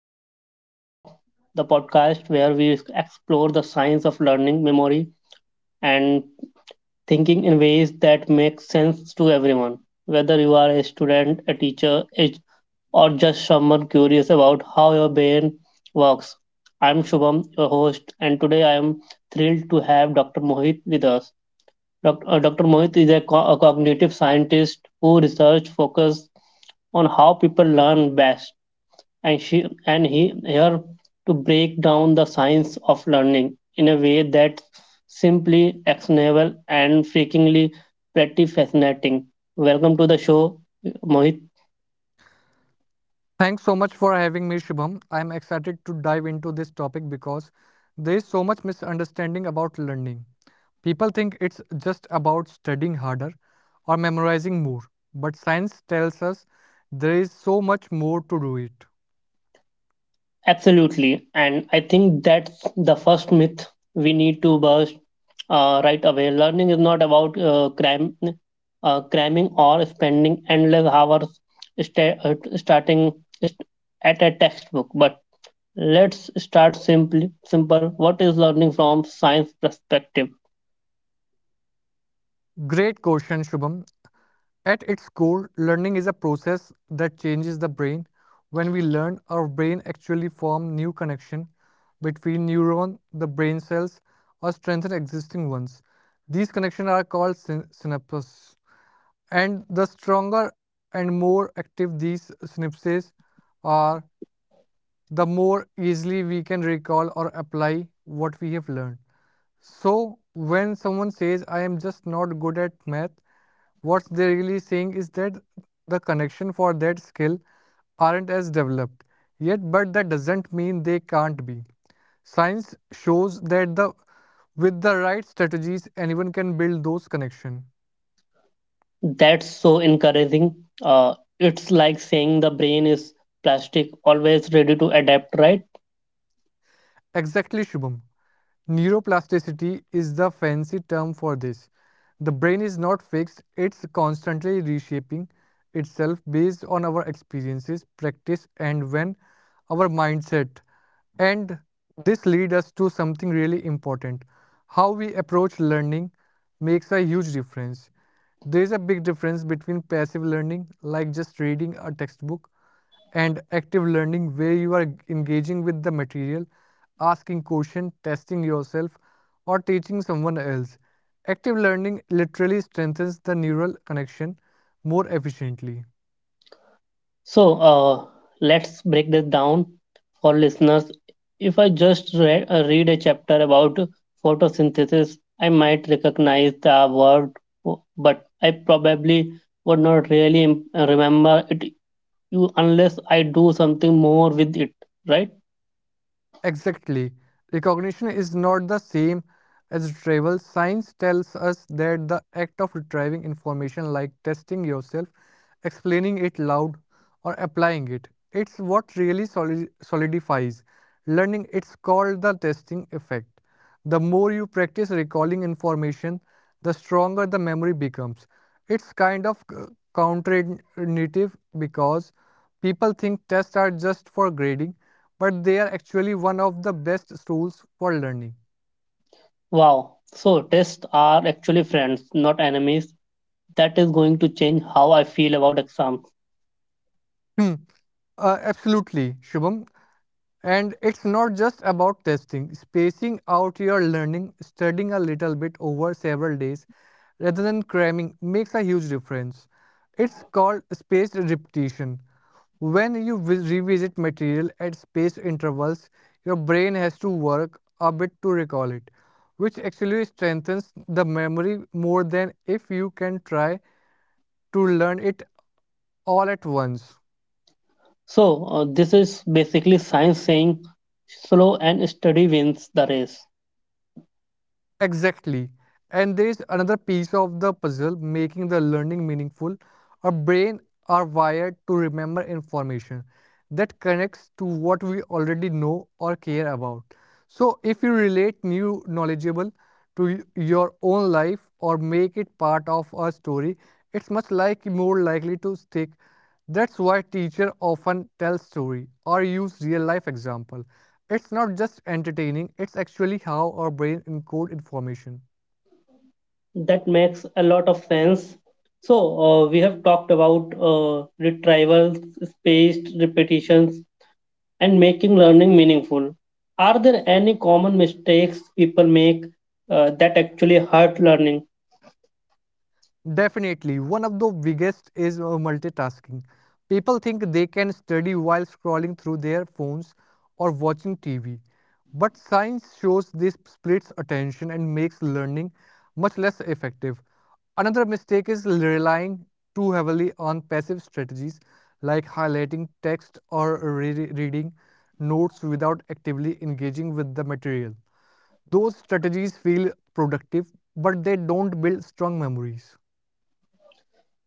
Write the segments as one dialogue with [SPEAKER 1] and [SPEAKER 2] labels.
[SPEAKER 1] to Shubham Talk, the podcast where we explore the science of learning, memory, and thinking in ways that make sense to everyone. Whether you are a student, a teacher, or just someone curious about how your brain works, I'm Shubham, your host, and today I am thrilled to have Dr. Mohit with us. Dr. Mohit is a, a cognitive scientist who research focus on how people learn best and she and he here to break down the science of learning in a way that's simply actionable and freakingly pretty fascinating. Welcome to the show, Mohit.
[SPEAKER 2] Thanks so much for having me, Shubham. I'm excited to dive into this topic because there is so much misunderstanding about learning. People think it's just about studying harder or memorizing more, but science tells us there is so much more to do it.
[SPEAKER 1] Absolutely, and I think that's the first myth we need to burst right away. Learning is not about cramming or spending endless hours starting st- at a textbook, but let's start simply simple. What is learning from science perspective?
[SPEAKER 2] Great question, Shubham. At its core, learning is a process that changes the brain. When we learn, our brain actually forms new connections between neurons, the brain cells, or strengthen existing ones. These connections are called synapses. And the stronger and more active these synapses are, the more easily we can recall or apply what we have learned. So, when someone says, I am just not good at math, what they're really saying is that the connection for that skill aren't as developed yet, but that doesn't mean they can't be. Science shows that the with the right strategies, anyone can build those connections.
[SPEAKER 1] That's so encouraging. It's like saying the brain is plastic, always ready to adapt, right?
[SPEAKER 2] Exactly, Shubham. Neuroplasticity is the fancy term for this. The brain is not fixed, it's constantly reshaping itself based on our experiences, practice, and when our mindset. And this leads us to something really important. How we approach learning makes a huge difference. There is a big difference between passive learning, like just reading a textbook, and active learning where you are engaging with the material, asking questions, testing yourself, or teaching someone else. Active learning literally strengthens the neural connection more efficiently.
[SPEAKER 1] So, let's break this down for listeners. If I just read a chapter about photosynthesis, I might recognize the word, but I probably would not really remember it you unless I do something more with it, right?
[SPEAKER 2] Exactly. Recognition is not the same as retrieval. Science tells us that the act of retrieving information, like testing yourself, explaining it loud, or applying it, it's what really solidifies learning. It's called the testing effect. The more you practice recalling information, the stronger the memory becomes. It's kind of counterintuitive because people think tests are just for grading, but they are actually one of the best tools for learning.
[SPEAKER 1] Wow. So tests are actually friends, not enemies. That is going to change how I feel about exams.
[SPEAKER 2] Hmm. Absolutely, Shubham. And it's not just about testing, spacing out your learning, studying a little bit over several days rather than cramming makes a huge difference. It's called spaced repetition. When you revisit material at spaced intervals, your brain has to work a bit to recall it, which actually strengthens the memory more than if you can try to learn it all at once.
[SPEAKER 1] So, this is basically science saying slow and steady wins the race.
[SPEAKER 2] Exactly. And there is another piece of the puzzle making the learning meaningful. Our brain are wired to remember information that connects to what we already know or care about. So if you relate new knowledgeable to your own life or make it part of a story, it's much like more likely to stick. That's why teacher often tell story or use real life example it's not just entertaining, it's actually how our brain encodes information.
[SPEAKER 1] That makes a lot of sense. So, we have talked about retrievals, spaced repetitions, and making learning meaningful. Are there any common mistakes people make that actually hurt learning?
[SPEAKER 2] Definitely, one of the biggest is multitasking. People think they can study while scrolling through their phones or watching TV. But science shows this splits attention and makes learning much less effective. Another mistake is relying too heavily on passive strategies like highlighting text or reading notes without actively engaging with the material. Those strategies feel productive, but they don't build strong memories.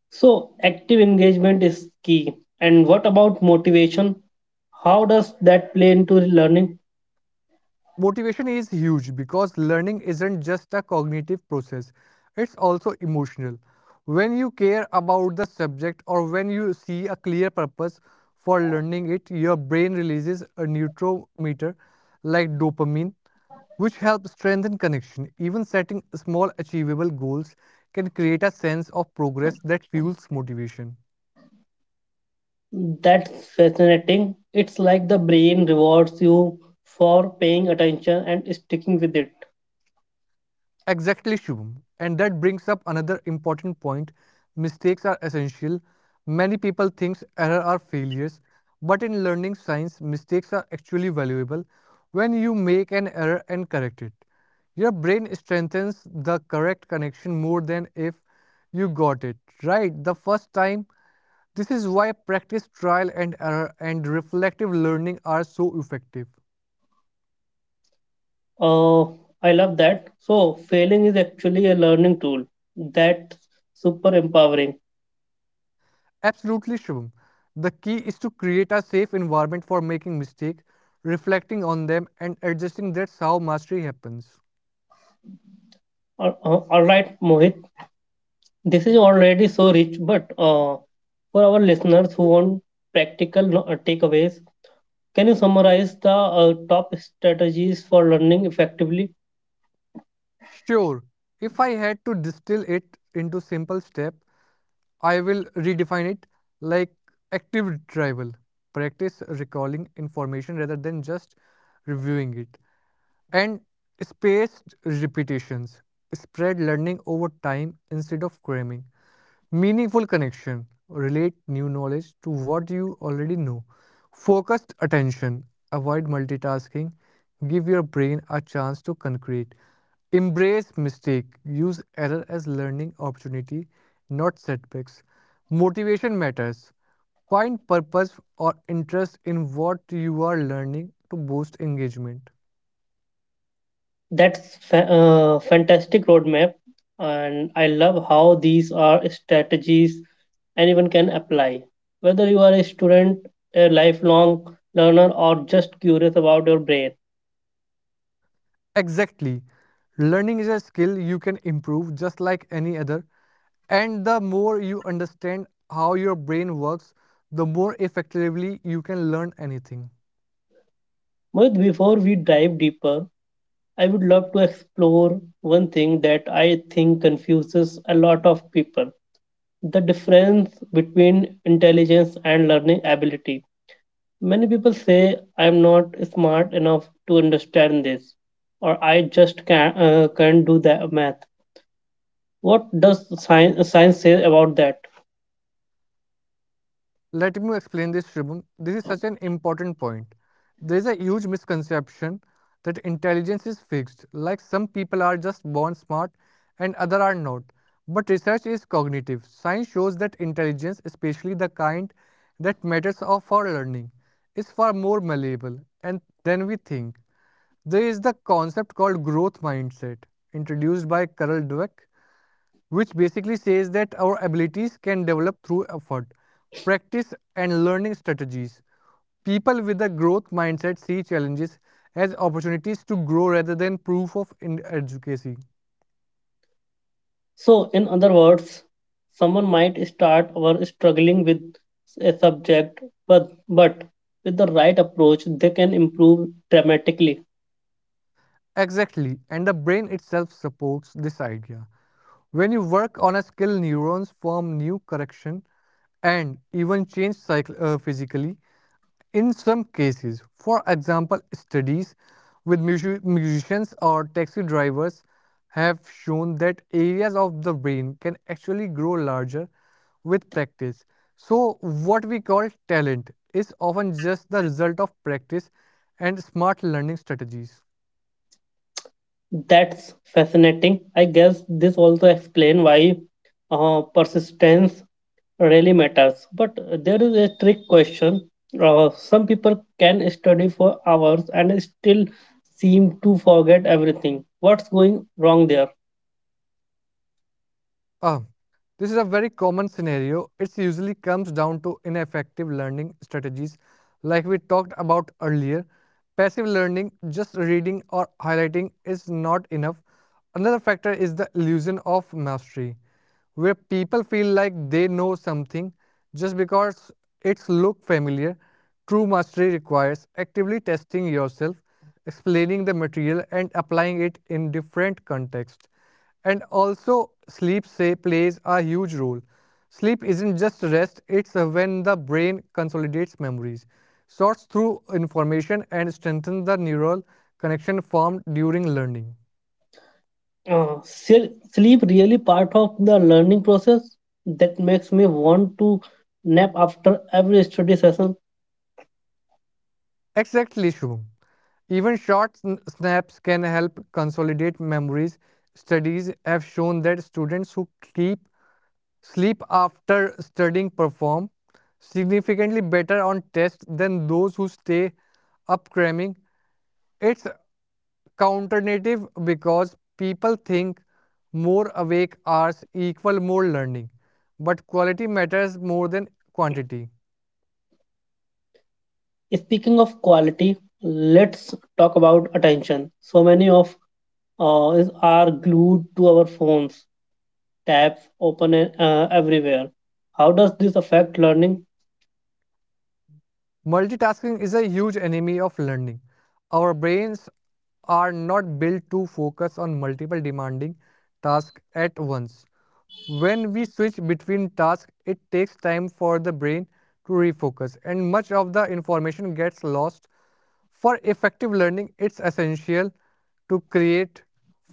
[SPEAKER 1] So, active engagement is key. And what about motivation? How does that play into learning?
[SPEAKER 2] Motivation is huge because learning isn't just a cognitive process, it's also emotional. When you care about the subject or when you see a clear purpose for learning it, your brain releases a neurotransmitter like dopamine, which helps strengthen connection. Even setting small, achievable goals can create a sense of progress that fuels motivation.
[SPEAKER 1] That's fascinating. It's like the brain rewards you for paying attention and sticking with it.
[SPEAKER 2] Exactly, Shubham. And that brings up another important point. Mistakes are essential. Many people think errors are failures, but in learning science, mistakes are actually valuable. When you make an error and correct it, your brain strengthens the correct connection more than if you got it right the first time. This is why practice, trial and error, and reflective learning are so effective.
[SPEAKER 1] Uh, I love that. So, failing is actually a learning tool. That's super empowering.
[SPEAKER 2] Absolutely, Shubham. The key is to create a safe environment for making mistakes, reflecting on them, and adjusting. That's how mastery happens.
[SPEAKER 1] All right, Mohit, this is already so rich, but for our listeners who want practical takeaways, can you summarize the top strategies for learning effectively?
[SPEAKER 2] Sure, if I had to distill it into simple step, I will redefine it like active retrieval. Practice recalling information rather than just reviewing it. And spaced repetitions spread learning over time instead of cramming. Meaningful connection relate new knowledge to what you already know. Focused attention avoid multitasking. Give your brain a chance to concrete. Embrace mistake. Use error as learning opportunity, not setbacks. Motivation matters. Find purpose or interest in what you are learning to boost engagement.
[SPEAKER 1] That's fa- fantastic roadmap, and I love how these are strategies anyone can apply. Whether you are a student, a lifelong learner, or just curious about your brain.
[SPEAKER 2] Exactly. Learning is a skill you can improve just like any other. And the more you understand how your brain works, the more effectively you can learn anything.
[SPEAKER 1] Mohit, before we dive deeper, I would love to explore one thing that I think confuses a lot of people: the difference between intelligence and learning ability. Many people say I'm not smart enough to understand this, or I just can't do the math. What does science say about that?
[SPEAKER 2] Let me explain this, Shubham. This is such an important point. There is a huge misconception that intelligence is fixed, like some people are just born smart and other are not. But research is cognitive. Science shows that intelligence, especially the kind that matters for learning, is far more malleable and than we think. There is the concept called growth mindset, introduced by Carol Dweck, which basically says that our abilities can develop through effort, practice, and learning strategies. People with a growth mindset see challenges as opportunities to grow rather than proof of inadequacy.
[SPEAKER 1] So, in other words, someone might start or struggling with a subject, but with the right approach, they can improve dramatically.
[SPEAKER 2] Exactly, and the brain itself supports this idea. When you work on a skill, neurons form new correction and even change cycle, physically. In some cases, for example, studies with musicians or taxi drivers have shown that areas of the brain can actually grow larger with practice. So, what we call talent is often just the result of practice and smart learning strategies.
[SPEAKER 1] That's fascinating. I guess this also explains why persistence really matters. But there is a trick question. Some people can study for hours and still seem to forget everything. What's going wrong there?
[SPEAKER 2] Ah, this is a very common scenario. It usually comes down to ineffective learning strategies, like we talked about earlier. Passive learning, just reading or highlighting, is not enough. Another factor is the illusion of mastery, where people feel like they know something just because it's look familiar. True mastery requires actively testing yourself, explaining the material, and applying it in different contexts. And also, sleep say plays a huge role. Sleep isn't just rest, it's when the brain consolidates memories, sorts through information, and strengthens the neural connection formed during learning.
[SPEAKER 1] Sleep really part of the learning process that makes me want to nap after every study session.
[SPEAKER 2] Exactly, Shubham. Even short snaps can help consolidate memories. Studies have shown that students who keep sleep after studying perform significantly better on tests than those who stay up cramming. It's counternative because people think more awake hours equal more learning but quality matters more than quantity
[SPEAKER 1] Speaking of quality, let's talk about attention. So many of us are glued to our phones, tabs open everywhere. How does this affect learning?
[SPEAKER 2] multitasking is a huge enemy of learning our brains are not built to focus on multiple demanding tasks at once when we switch between tasks it takes time for the brain to refocus and much of the information gets lost. For effective learning, it's essential to create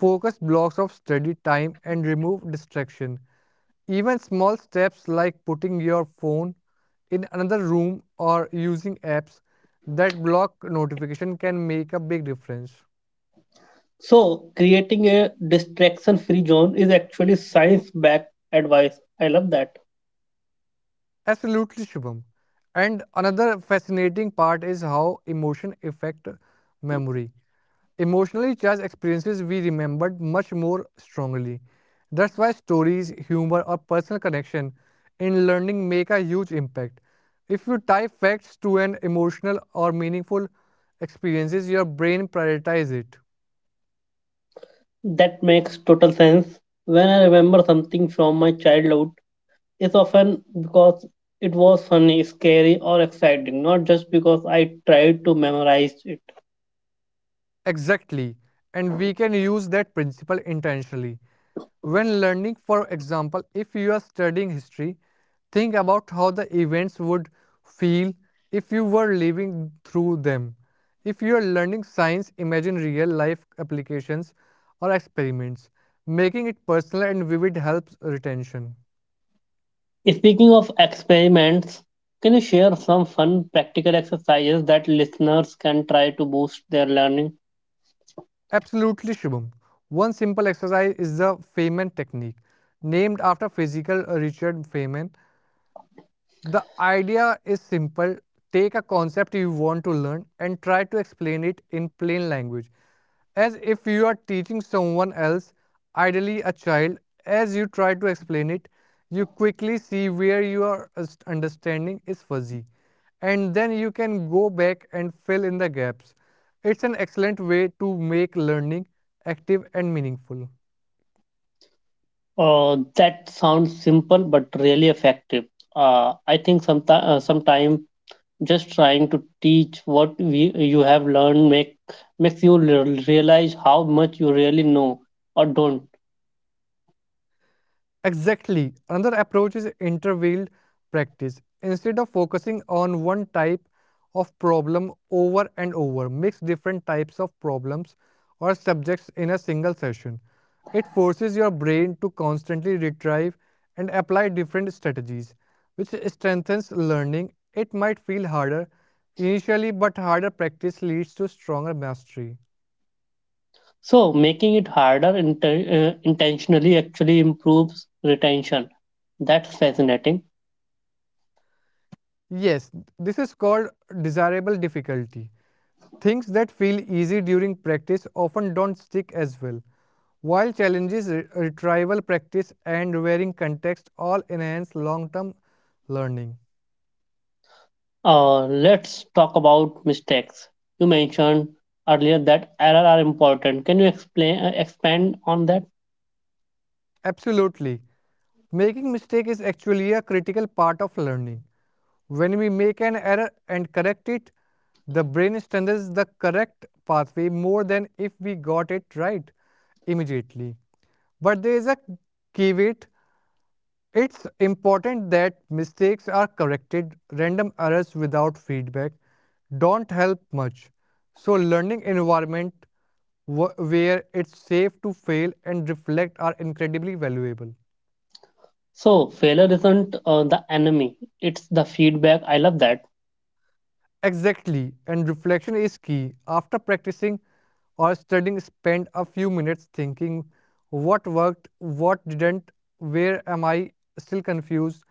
[SPEAKER 2] focused blocks of study time and remove distraction. Even small steps like putting your phone in another room or using apps that block notification can make a big difference.
[SPEAKER 1] So, creating a distraction free zone is actually science backed advice. I love that.
[SPEAKER 2] Absolutely, Shubham. And another fascinating part is how emotion affect memory. Emotionally charged experiences we remembered much more strongly. That's why stories, humor, or personal connection in learning make a huge impact. If you tie facts to an emotional or meaningful experiences, your brain prioritizes it.
[SPEAKER 1] That makes total sense. When I remember something from my childhood, it's often because it was funny, scary, or exciting, not just because I tried to memorize it.
[SPEAKER 2] Exactly. And we can use that principle intentionally. When learning, for example, if you are studying history, think about how the events would feel if you were living through them. If you are learning science, imagine real life applications or experiments. Making it personal and vivid helps retention.
[SPEAKER 1] Speaking of experiments, can you share some fun practical exercises that listeners can try to boost their learning?
[SPEAKER 2] Absolutely, Shubham. One simple exercise is the Feynman technique, named after physical Richard Feynman. The idea is simple, take a concept you want to learn and try to explain it in plain language, as if you are teaching someone else, ideally a child. As you try to explain it, you quickly see where your understanding is fuzzy, and then you can go back and fill in the gaps. It's an excellent way to make learning active and meaningful.
[SPEAKER 1] That sounds simple but really effective. I think sometime just trying to teach what we you have learned makes you realize how much you really know or don't.
[SPEAKER 2] Exactly. Another approach is intervaled practice. Instead of focusing on one type of problem over and over, mix different types of problems or subjects in a single session. It forces your brain to constantly retrieve and apply different strategies, which strengthens learning. It might feel harder initially, but harder practice leads to stronger mastery.
[SPEAKER 1] So making it harder intentionally actually improves retention. That's fascinating.
[SPEAKER 2] Yes, this is called desirable difficulty. Things that feel easy during practice often don't stick as well, while challenges, retrieval practice, and varying context all enhance long term learning.
[SPEAKER 1] Let's talk about mistakes. You mentioned earlier that error are important. Can you explain expand on that?
[SPEAKER 2] Absolutely. Making mistake is actually a critical part of learning. When we make an error and correct it, the brain strengthens the correct pathway more than if we got it right immediately. But there is a caveat. It's important that mistakes are corrected. Random errors without feedback don't help much. So learning environment where it's safe to fail and reflect are incredibly valuable.
[SPEAKER 1] So failure isn't the enemy; it's the feedback. I love that.
[SPEAKER 2] Exactly, and reflection is key. After practicing or studying, spend a few minutes thinking what worked, what didn't, where am I still confused.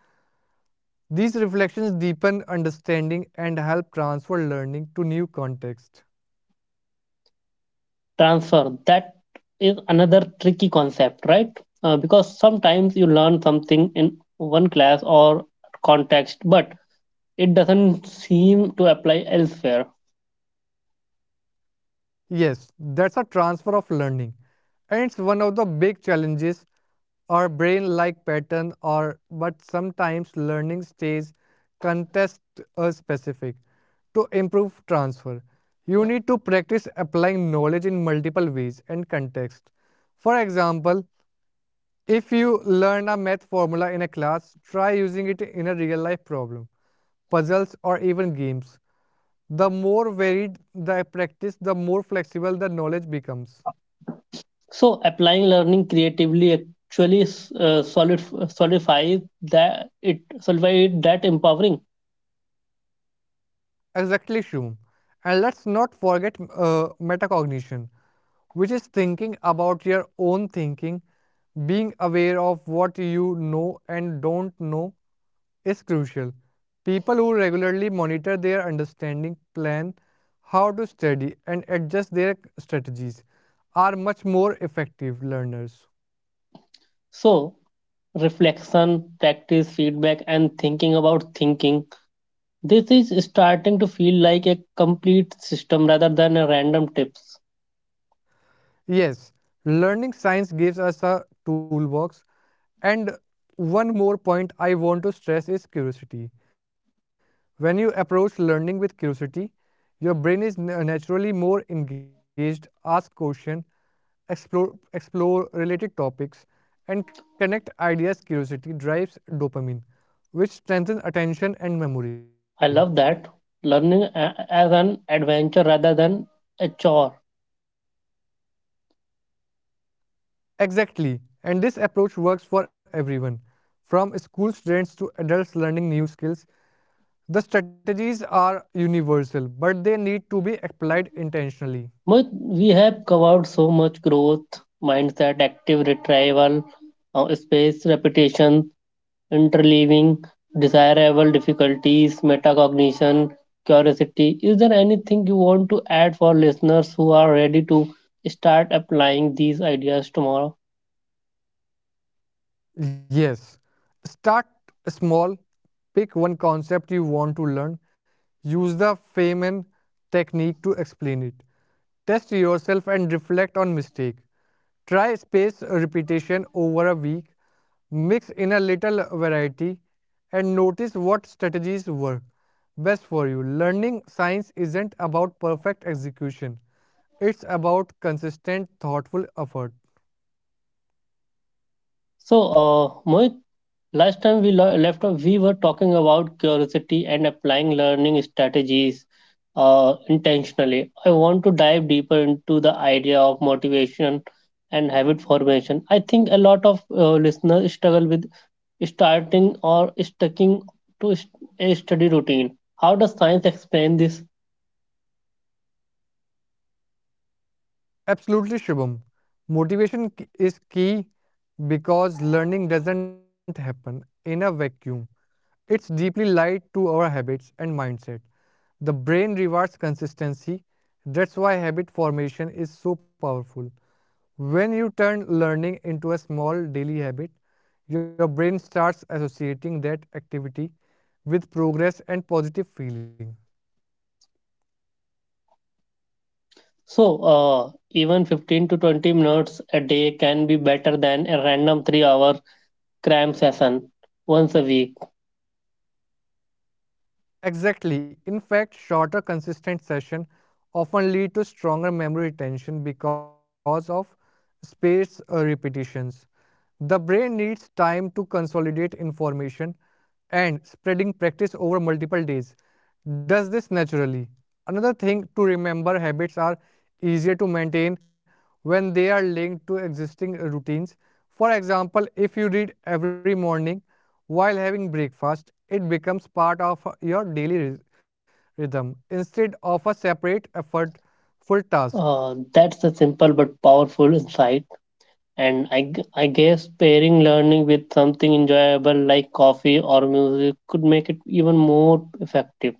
[SPEAKER 2] These reflections deepen understanding and help transfer learning to new context.
[SPEAKER 1] Transfer. That is another tricky concept, right? Because sometimes you learn something in one class or context, but it doesn't seem to apply elsewhere.
[SPEAKER 2] Yes, that's a transfer of learning. And it's one of the big challenges our brain like pattern or but sometimes learning stays contest specific to improve transfer you need to practice applying knowledge in multiple ways and contexts. For example, if you learn a math formula in a class try using it in a real life problem puzzles, or even games. The more varied the practice, the more flexible the knowledge becomes.
[SPEAKER 1] So applying learning creatively actually uh, solid, solidifies that it solidifies that empowering.
[SPEAKER 2] Exactly, Shum. And let's not forget metacognition, which is thinking about your own thinking. Being aware of what you know and don't know is crucial. People who regularly monitor their understanding, plan how to study, and adjust their strategies are much more effective learners.
[SPEAKER 1] So reflection, practice, feedback, and thinking about thinking. This is starting to feel like a complete system rather than a random tips.
[SPEAKER 2] Yes, learning science gives us a toolbox. And one more point I want to stress is curiosity. When you approach learning with curiosity, your brain is naturally more engaged, ask questions, explore related topics, and connect ideas. Curiosity drives dopamine, which strengthens attention and
[SPEAKER 1] I
[SPEAKER 2] memory.
[SPEAKER 1] love that learning as an adventure rather than a chore.
[SPEAKER 2] Exactly. And this approach works for everyone, from school students to adults learning new skills. The strategies are universal, but they need to be applied intentionally.
[SPEAKER 1] Mohit, we have covered so much: growth, mindset, active retrieval, space, repetition, interleaving, desirable difficulties, metacognition, curiosity. Is there anything you want to add for listeners who are ready to start applying these ideas tomorrow?
[SPEAKER 2] Yes. Start small, pick one concept you want to learn, use the Feynman technique to explain it. Test yourself and reflect on mistake. Try space repetition over a week, mix in a little variety and notice what strategies work best for you. Learning science isn't about perfect execution. It's about consistent thoughtful effort.
[SPEAKER 1] So, Mohit, last time we left off, we were talking about curiosity and applying learning strategies intentionally. I want to dive deeper into the idea of motivation and habit formation. I think a lot of listeners struggle with starting or sticking to a study routine. How does science explain this?
[SPEAKER 2] Absolutely, Shubham. Motivation is key because learning doesn't happen in a vacuum. It's deeply tied to our habits and mindset. The brain rewards consistency. That's why habit formation is so powerful. When you turn learning into a small daily habit, your brain starts associating that activity with progress and positive feeling.
[SPEAKER 1] So, even 15 to 20 minutes a day can be better than a random 3 hour cram session once a week.
[SPEAKER 2] Exactly. In fact, shorter consistent sessions often lead to stronger memory retention because of spaced repetitions. The brain needs time to consolidate information and spreading practice over multiple days does this naturally. Another thing to remember habits are easier to maintain when they are linked to existing routines. For example, if you read every morning while having breakfast, it becomes part of your daily rhythm instead of a separate effortful task.
[SPEAKER 1] That's a simple but powerful insight. And I guess pairing learning with something enjoyable like coffee or music could make it even more effective.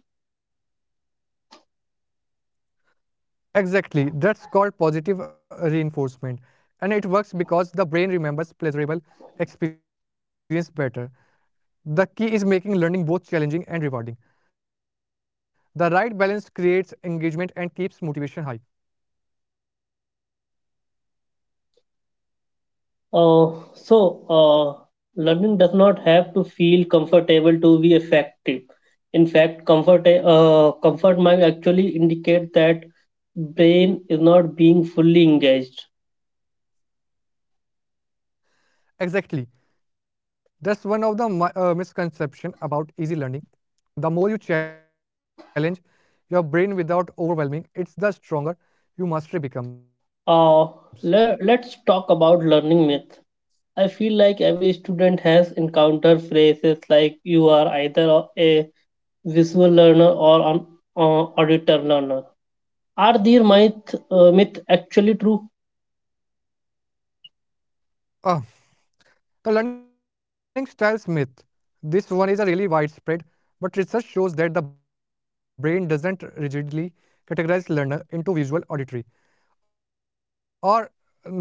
[SPEAKER 2] Exactly, that's called positive reinforcement and it works because the brain remembers pleasurable experience better. The key is making learning both challenging and rewarding. The right balance creates engagement and keeps motivation high.
[SPEAKER 1] So, learning does not have to feel comfortable to be effective. In fact, comfort might actually indicate that brain is not being fully engaged.
[SPEAKER 2] Exactly. That's one of the misconception about easy learning. The more you challenge your brain without overwhelming, it's the stronger your mastery becomes.
[SPEAKER 1] Uh, let's talk about learning myth. I feel like every student has encountered phrases like you are either a visual learner or an auditor learner. Are these myth actually true?
[SPEAKER 2] Ah, the learning styles myth. This one is a really widespread, but research shows that the brain doesn't rigidly categorize learner into visual, auditory, or n-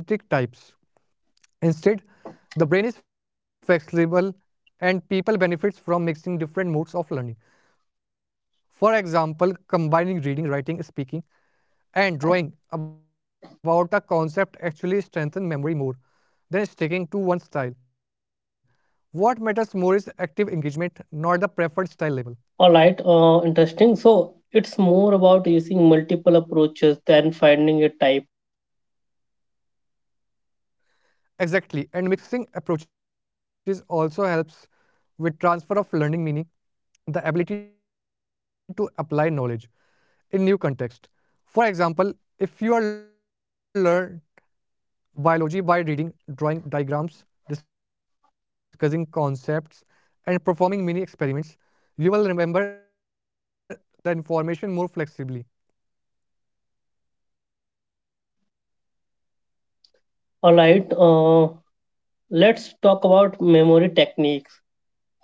[SPEAKER 2] types. Instead, the brain is flexible and people benefits from mixing different modes of learning. For example, combining reading, writing, speaking, and drawing about a concept actually strengthen memory more than sticking to one style. What matters more is active engagement, not the preferred style
[SPEAKER 1] All
[SPEAKER 2] label.
[SPEAKER 1] right, interesting. So it's more about using multiple approaches than finding a type.
[SPEAKER 2] Exactly, and mixing approaches also helps with transfer of learning meaning, the ability to apply knowledge in new context. For example, if you are learn biology by reading, drawing diagrams, discussing concepts, and performing mini experiments, you will remember the information more flexibly.
[SPEAKER 1] All right, let's talk about memory techniques.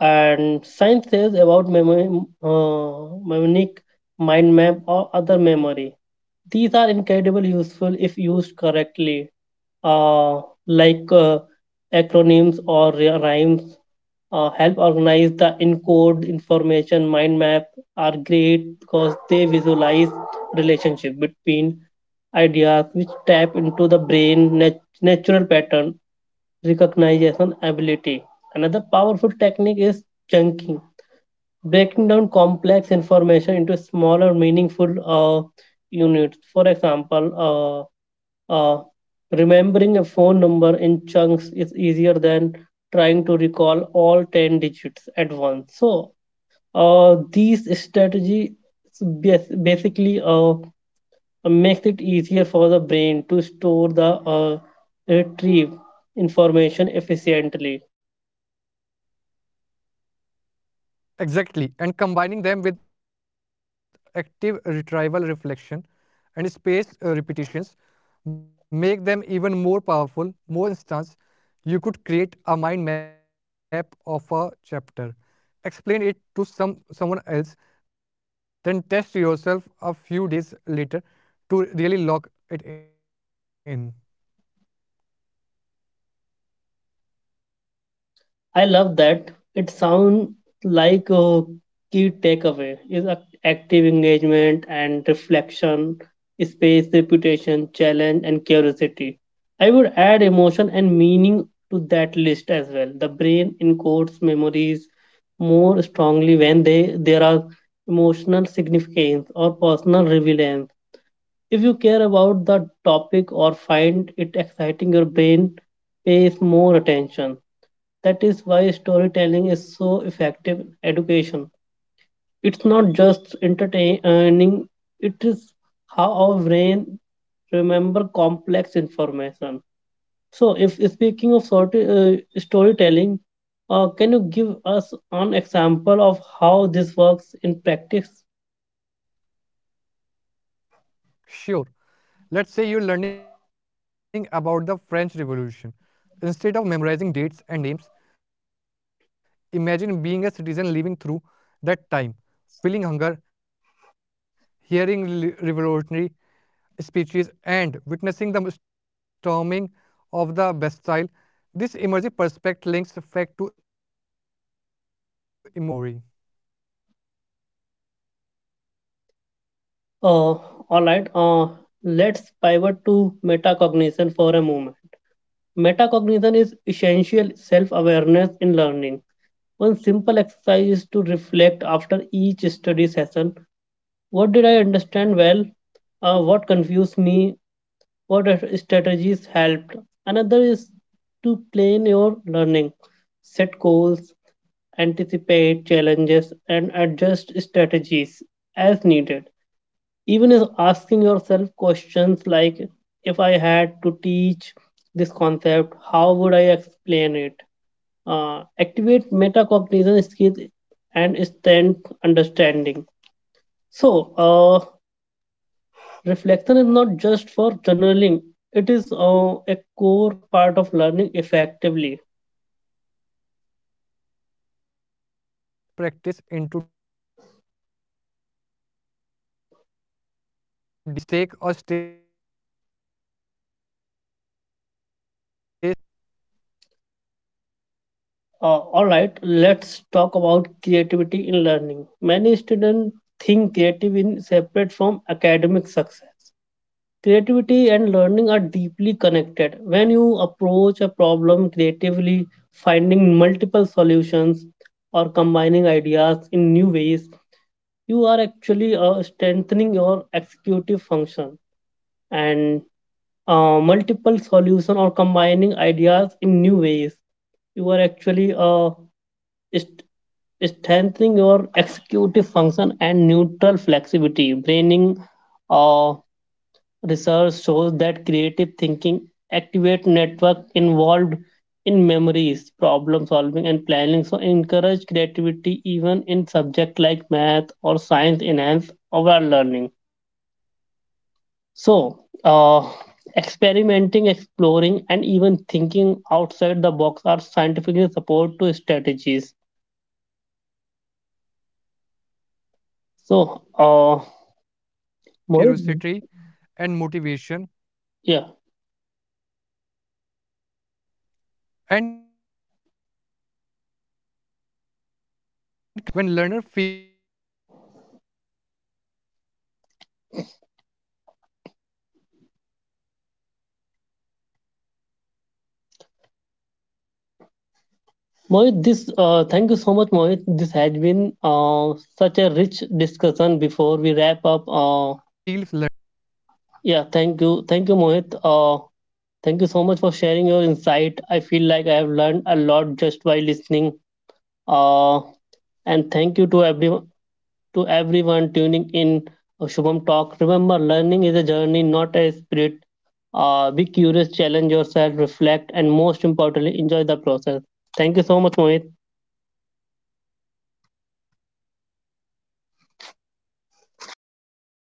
[SPEAKER 1] And science says about memory, mnemonic mind map or other memory. These are incredibly useful if used correctly, uh, like acronyms or rhymes. Help organize the encode information mind map are great because they visualize relationship between ideas which tap into the brain natural pattern recognition ability. Another powerful technique is chunking, breaking down complex information into smaller, meaningful units. For example, uh, uh, remembering a phone number in chunks is easier than trying to recall all 10 digits at once. So, these strategies basically makes it easier for the brain to store the retrieve information efficiently.
[SPEAKER 2] Exactly, and combining them with active retrieval reflection and spaced repetitions make them even more powerful. More instance, you could create a mind map of a chapter, explain it to someone else, then test yourself a few days later to really lock it in.
[SPEAKER 1] I love that. It sounds like a key takeaway is active engagement and reflection, space, reputation, challenge, and curiosity. I would add emotion and meaning to that list as well. The brain encodes memories more strongly when they there are emotional significance or personal relevance. If you care about the topic or find it exciting, your brain pays more attention. That is why storytelling is so effective in education. It's not just entertaining, it is how our brain remember complex information. So, if speaking of storytelling, can you give us an example of how this works in practice?
[SPEAKER 2] Sure. Let's say you're learning about the French Revolution. Instead of memorizing dates and names, imagine being a citizen living through that time, feeling hunger, hearing revolutionary speeches, and witnessing the storming of the Bastille. This immersive perspective links fact to emotional and sensory experiences, which strengthens memory.
[SPEAKER 1] Uh, all right. Let's pivot to metacognition for a moment. Metacognition is essential self-awareness in learning. One simple exercise is to reflect after each study session. What did I understand well? What confused me? What strategies helped? Another is to plan your learning, set goals, anticipate challenges, and adjust strategies as needed. Even is asking yourself questions like if I had to teach this concept how would I explain it, activate metacognition skills and strength understanding. So uh, reflection is not just for journaling, it is a core part of learning effectively.
[SPEAKER 2] Exactly. Reflection is what turns practice into deep learning. Without it, we often repeat, mistake, or stay stuck in shallow understanding.
[SPEAKER 1] All right, let's talk about creativity in learning. Many students think creative is separate from academic success. Creativity and learning are deeply connected. When you approach a problem creatively, finding multiple solutions or combining ideas in new ways, you are actually strengthening your executive function and multiple solution or combining ideas in new ways you are actually st- strengthening your executive function and neutral flexibility braining. uh, Research shows that creative thinking activates networks involved in memories, problem solving, and planning. So, encourage creativity even in subjects like math or science enhance overall learning. So, experimenting, exploring, and even thinking outside the box are scientifically support to strategies.
[SPEAKER 2] Absolutely, Shubham.
[SPEAKER 1] So,
[SPEAKER 2] And creative is closely linked to
[SPEAKER 1] Mohit,
[SPEAKER 2] curiosity and motivation.
[SPEAKER 1] yeah.
[SPEAKER 2] When, uh, yeah, And creativity is closely linked to curiosity and motivation. When learners feel free to explore, ask questions, and test hypothesis, learning becomes more engaging and effective.
[SPEAKER 1] Mohit, this thank you so much, Mohit. This has been such a rich discussion. Before we wrap up, thank you, Mohit. Thank you so much for sharing your insight. I feel like I have learned a lot just by listening. Uh, and thank you to everyone tuning in. Shubham Talk. Remember, learning is a journey, not a sprint. Be curious, challenge yourself, reflect, and most importantly, enjoy the process. Thank you so much, Mohit.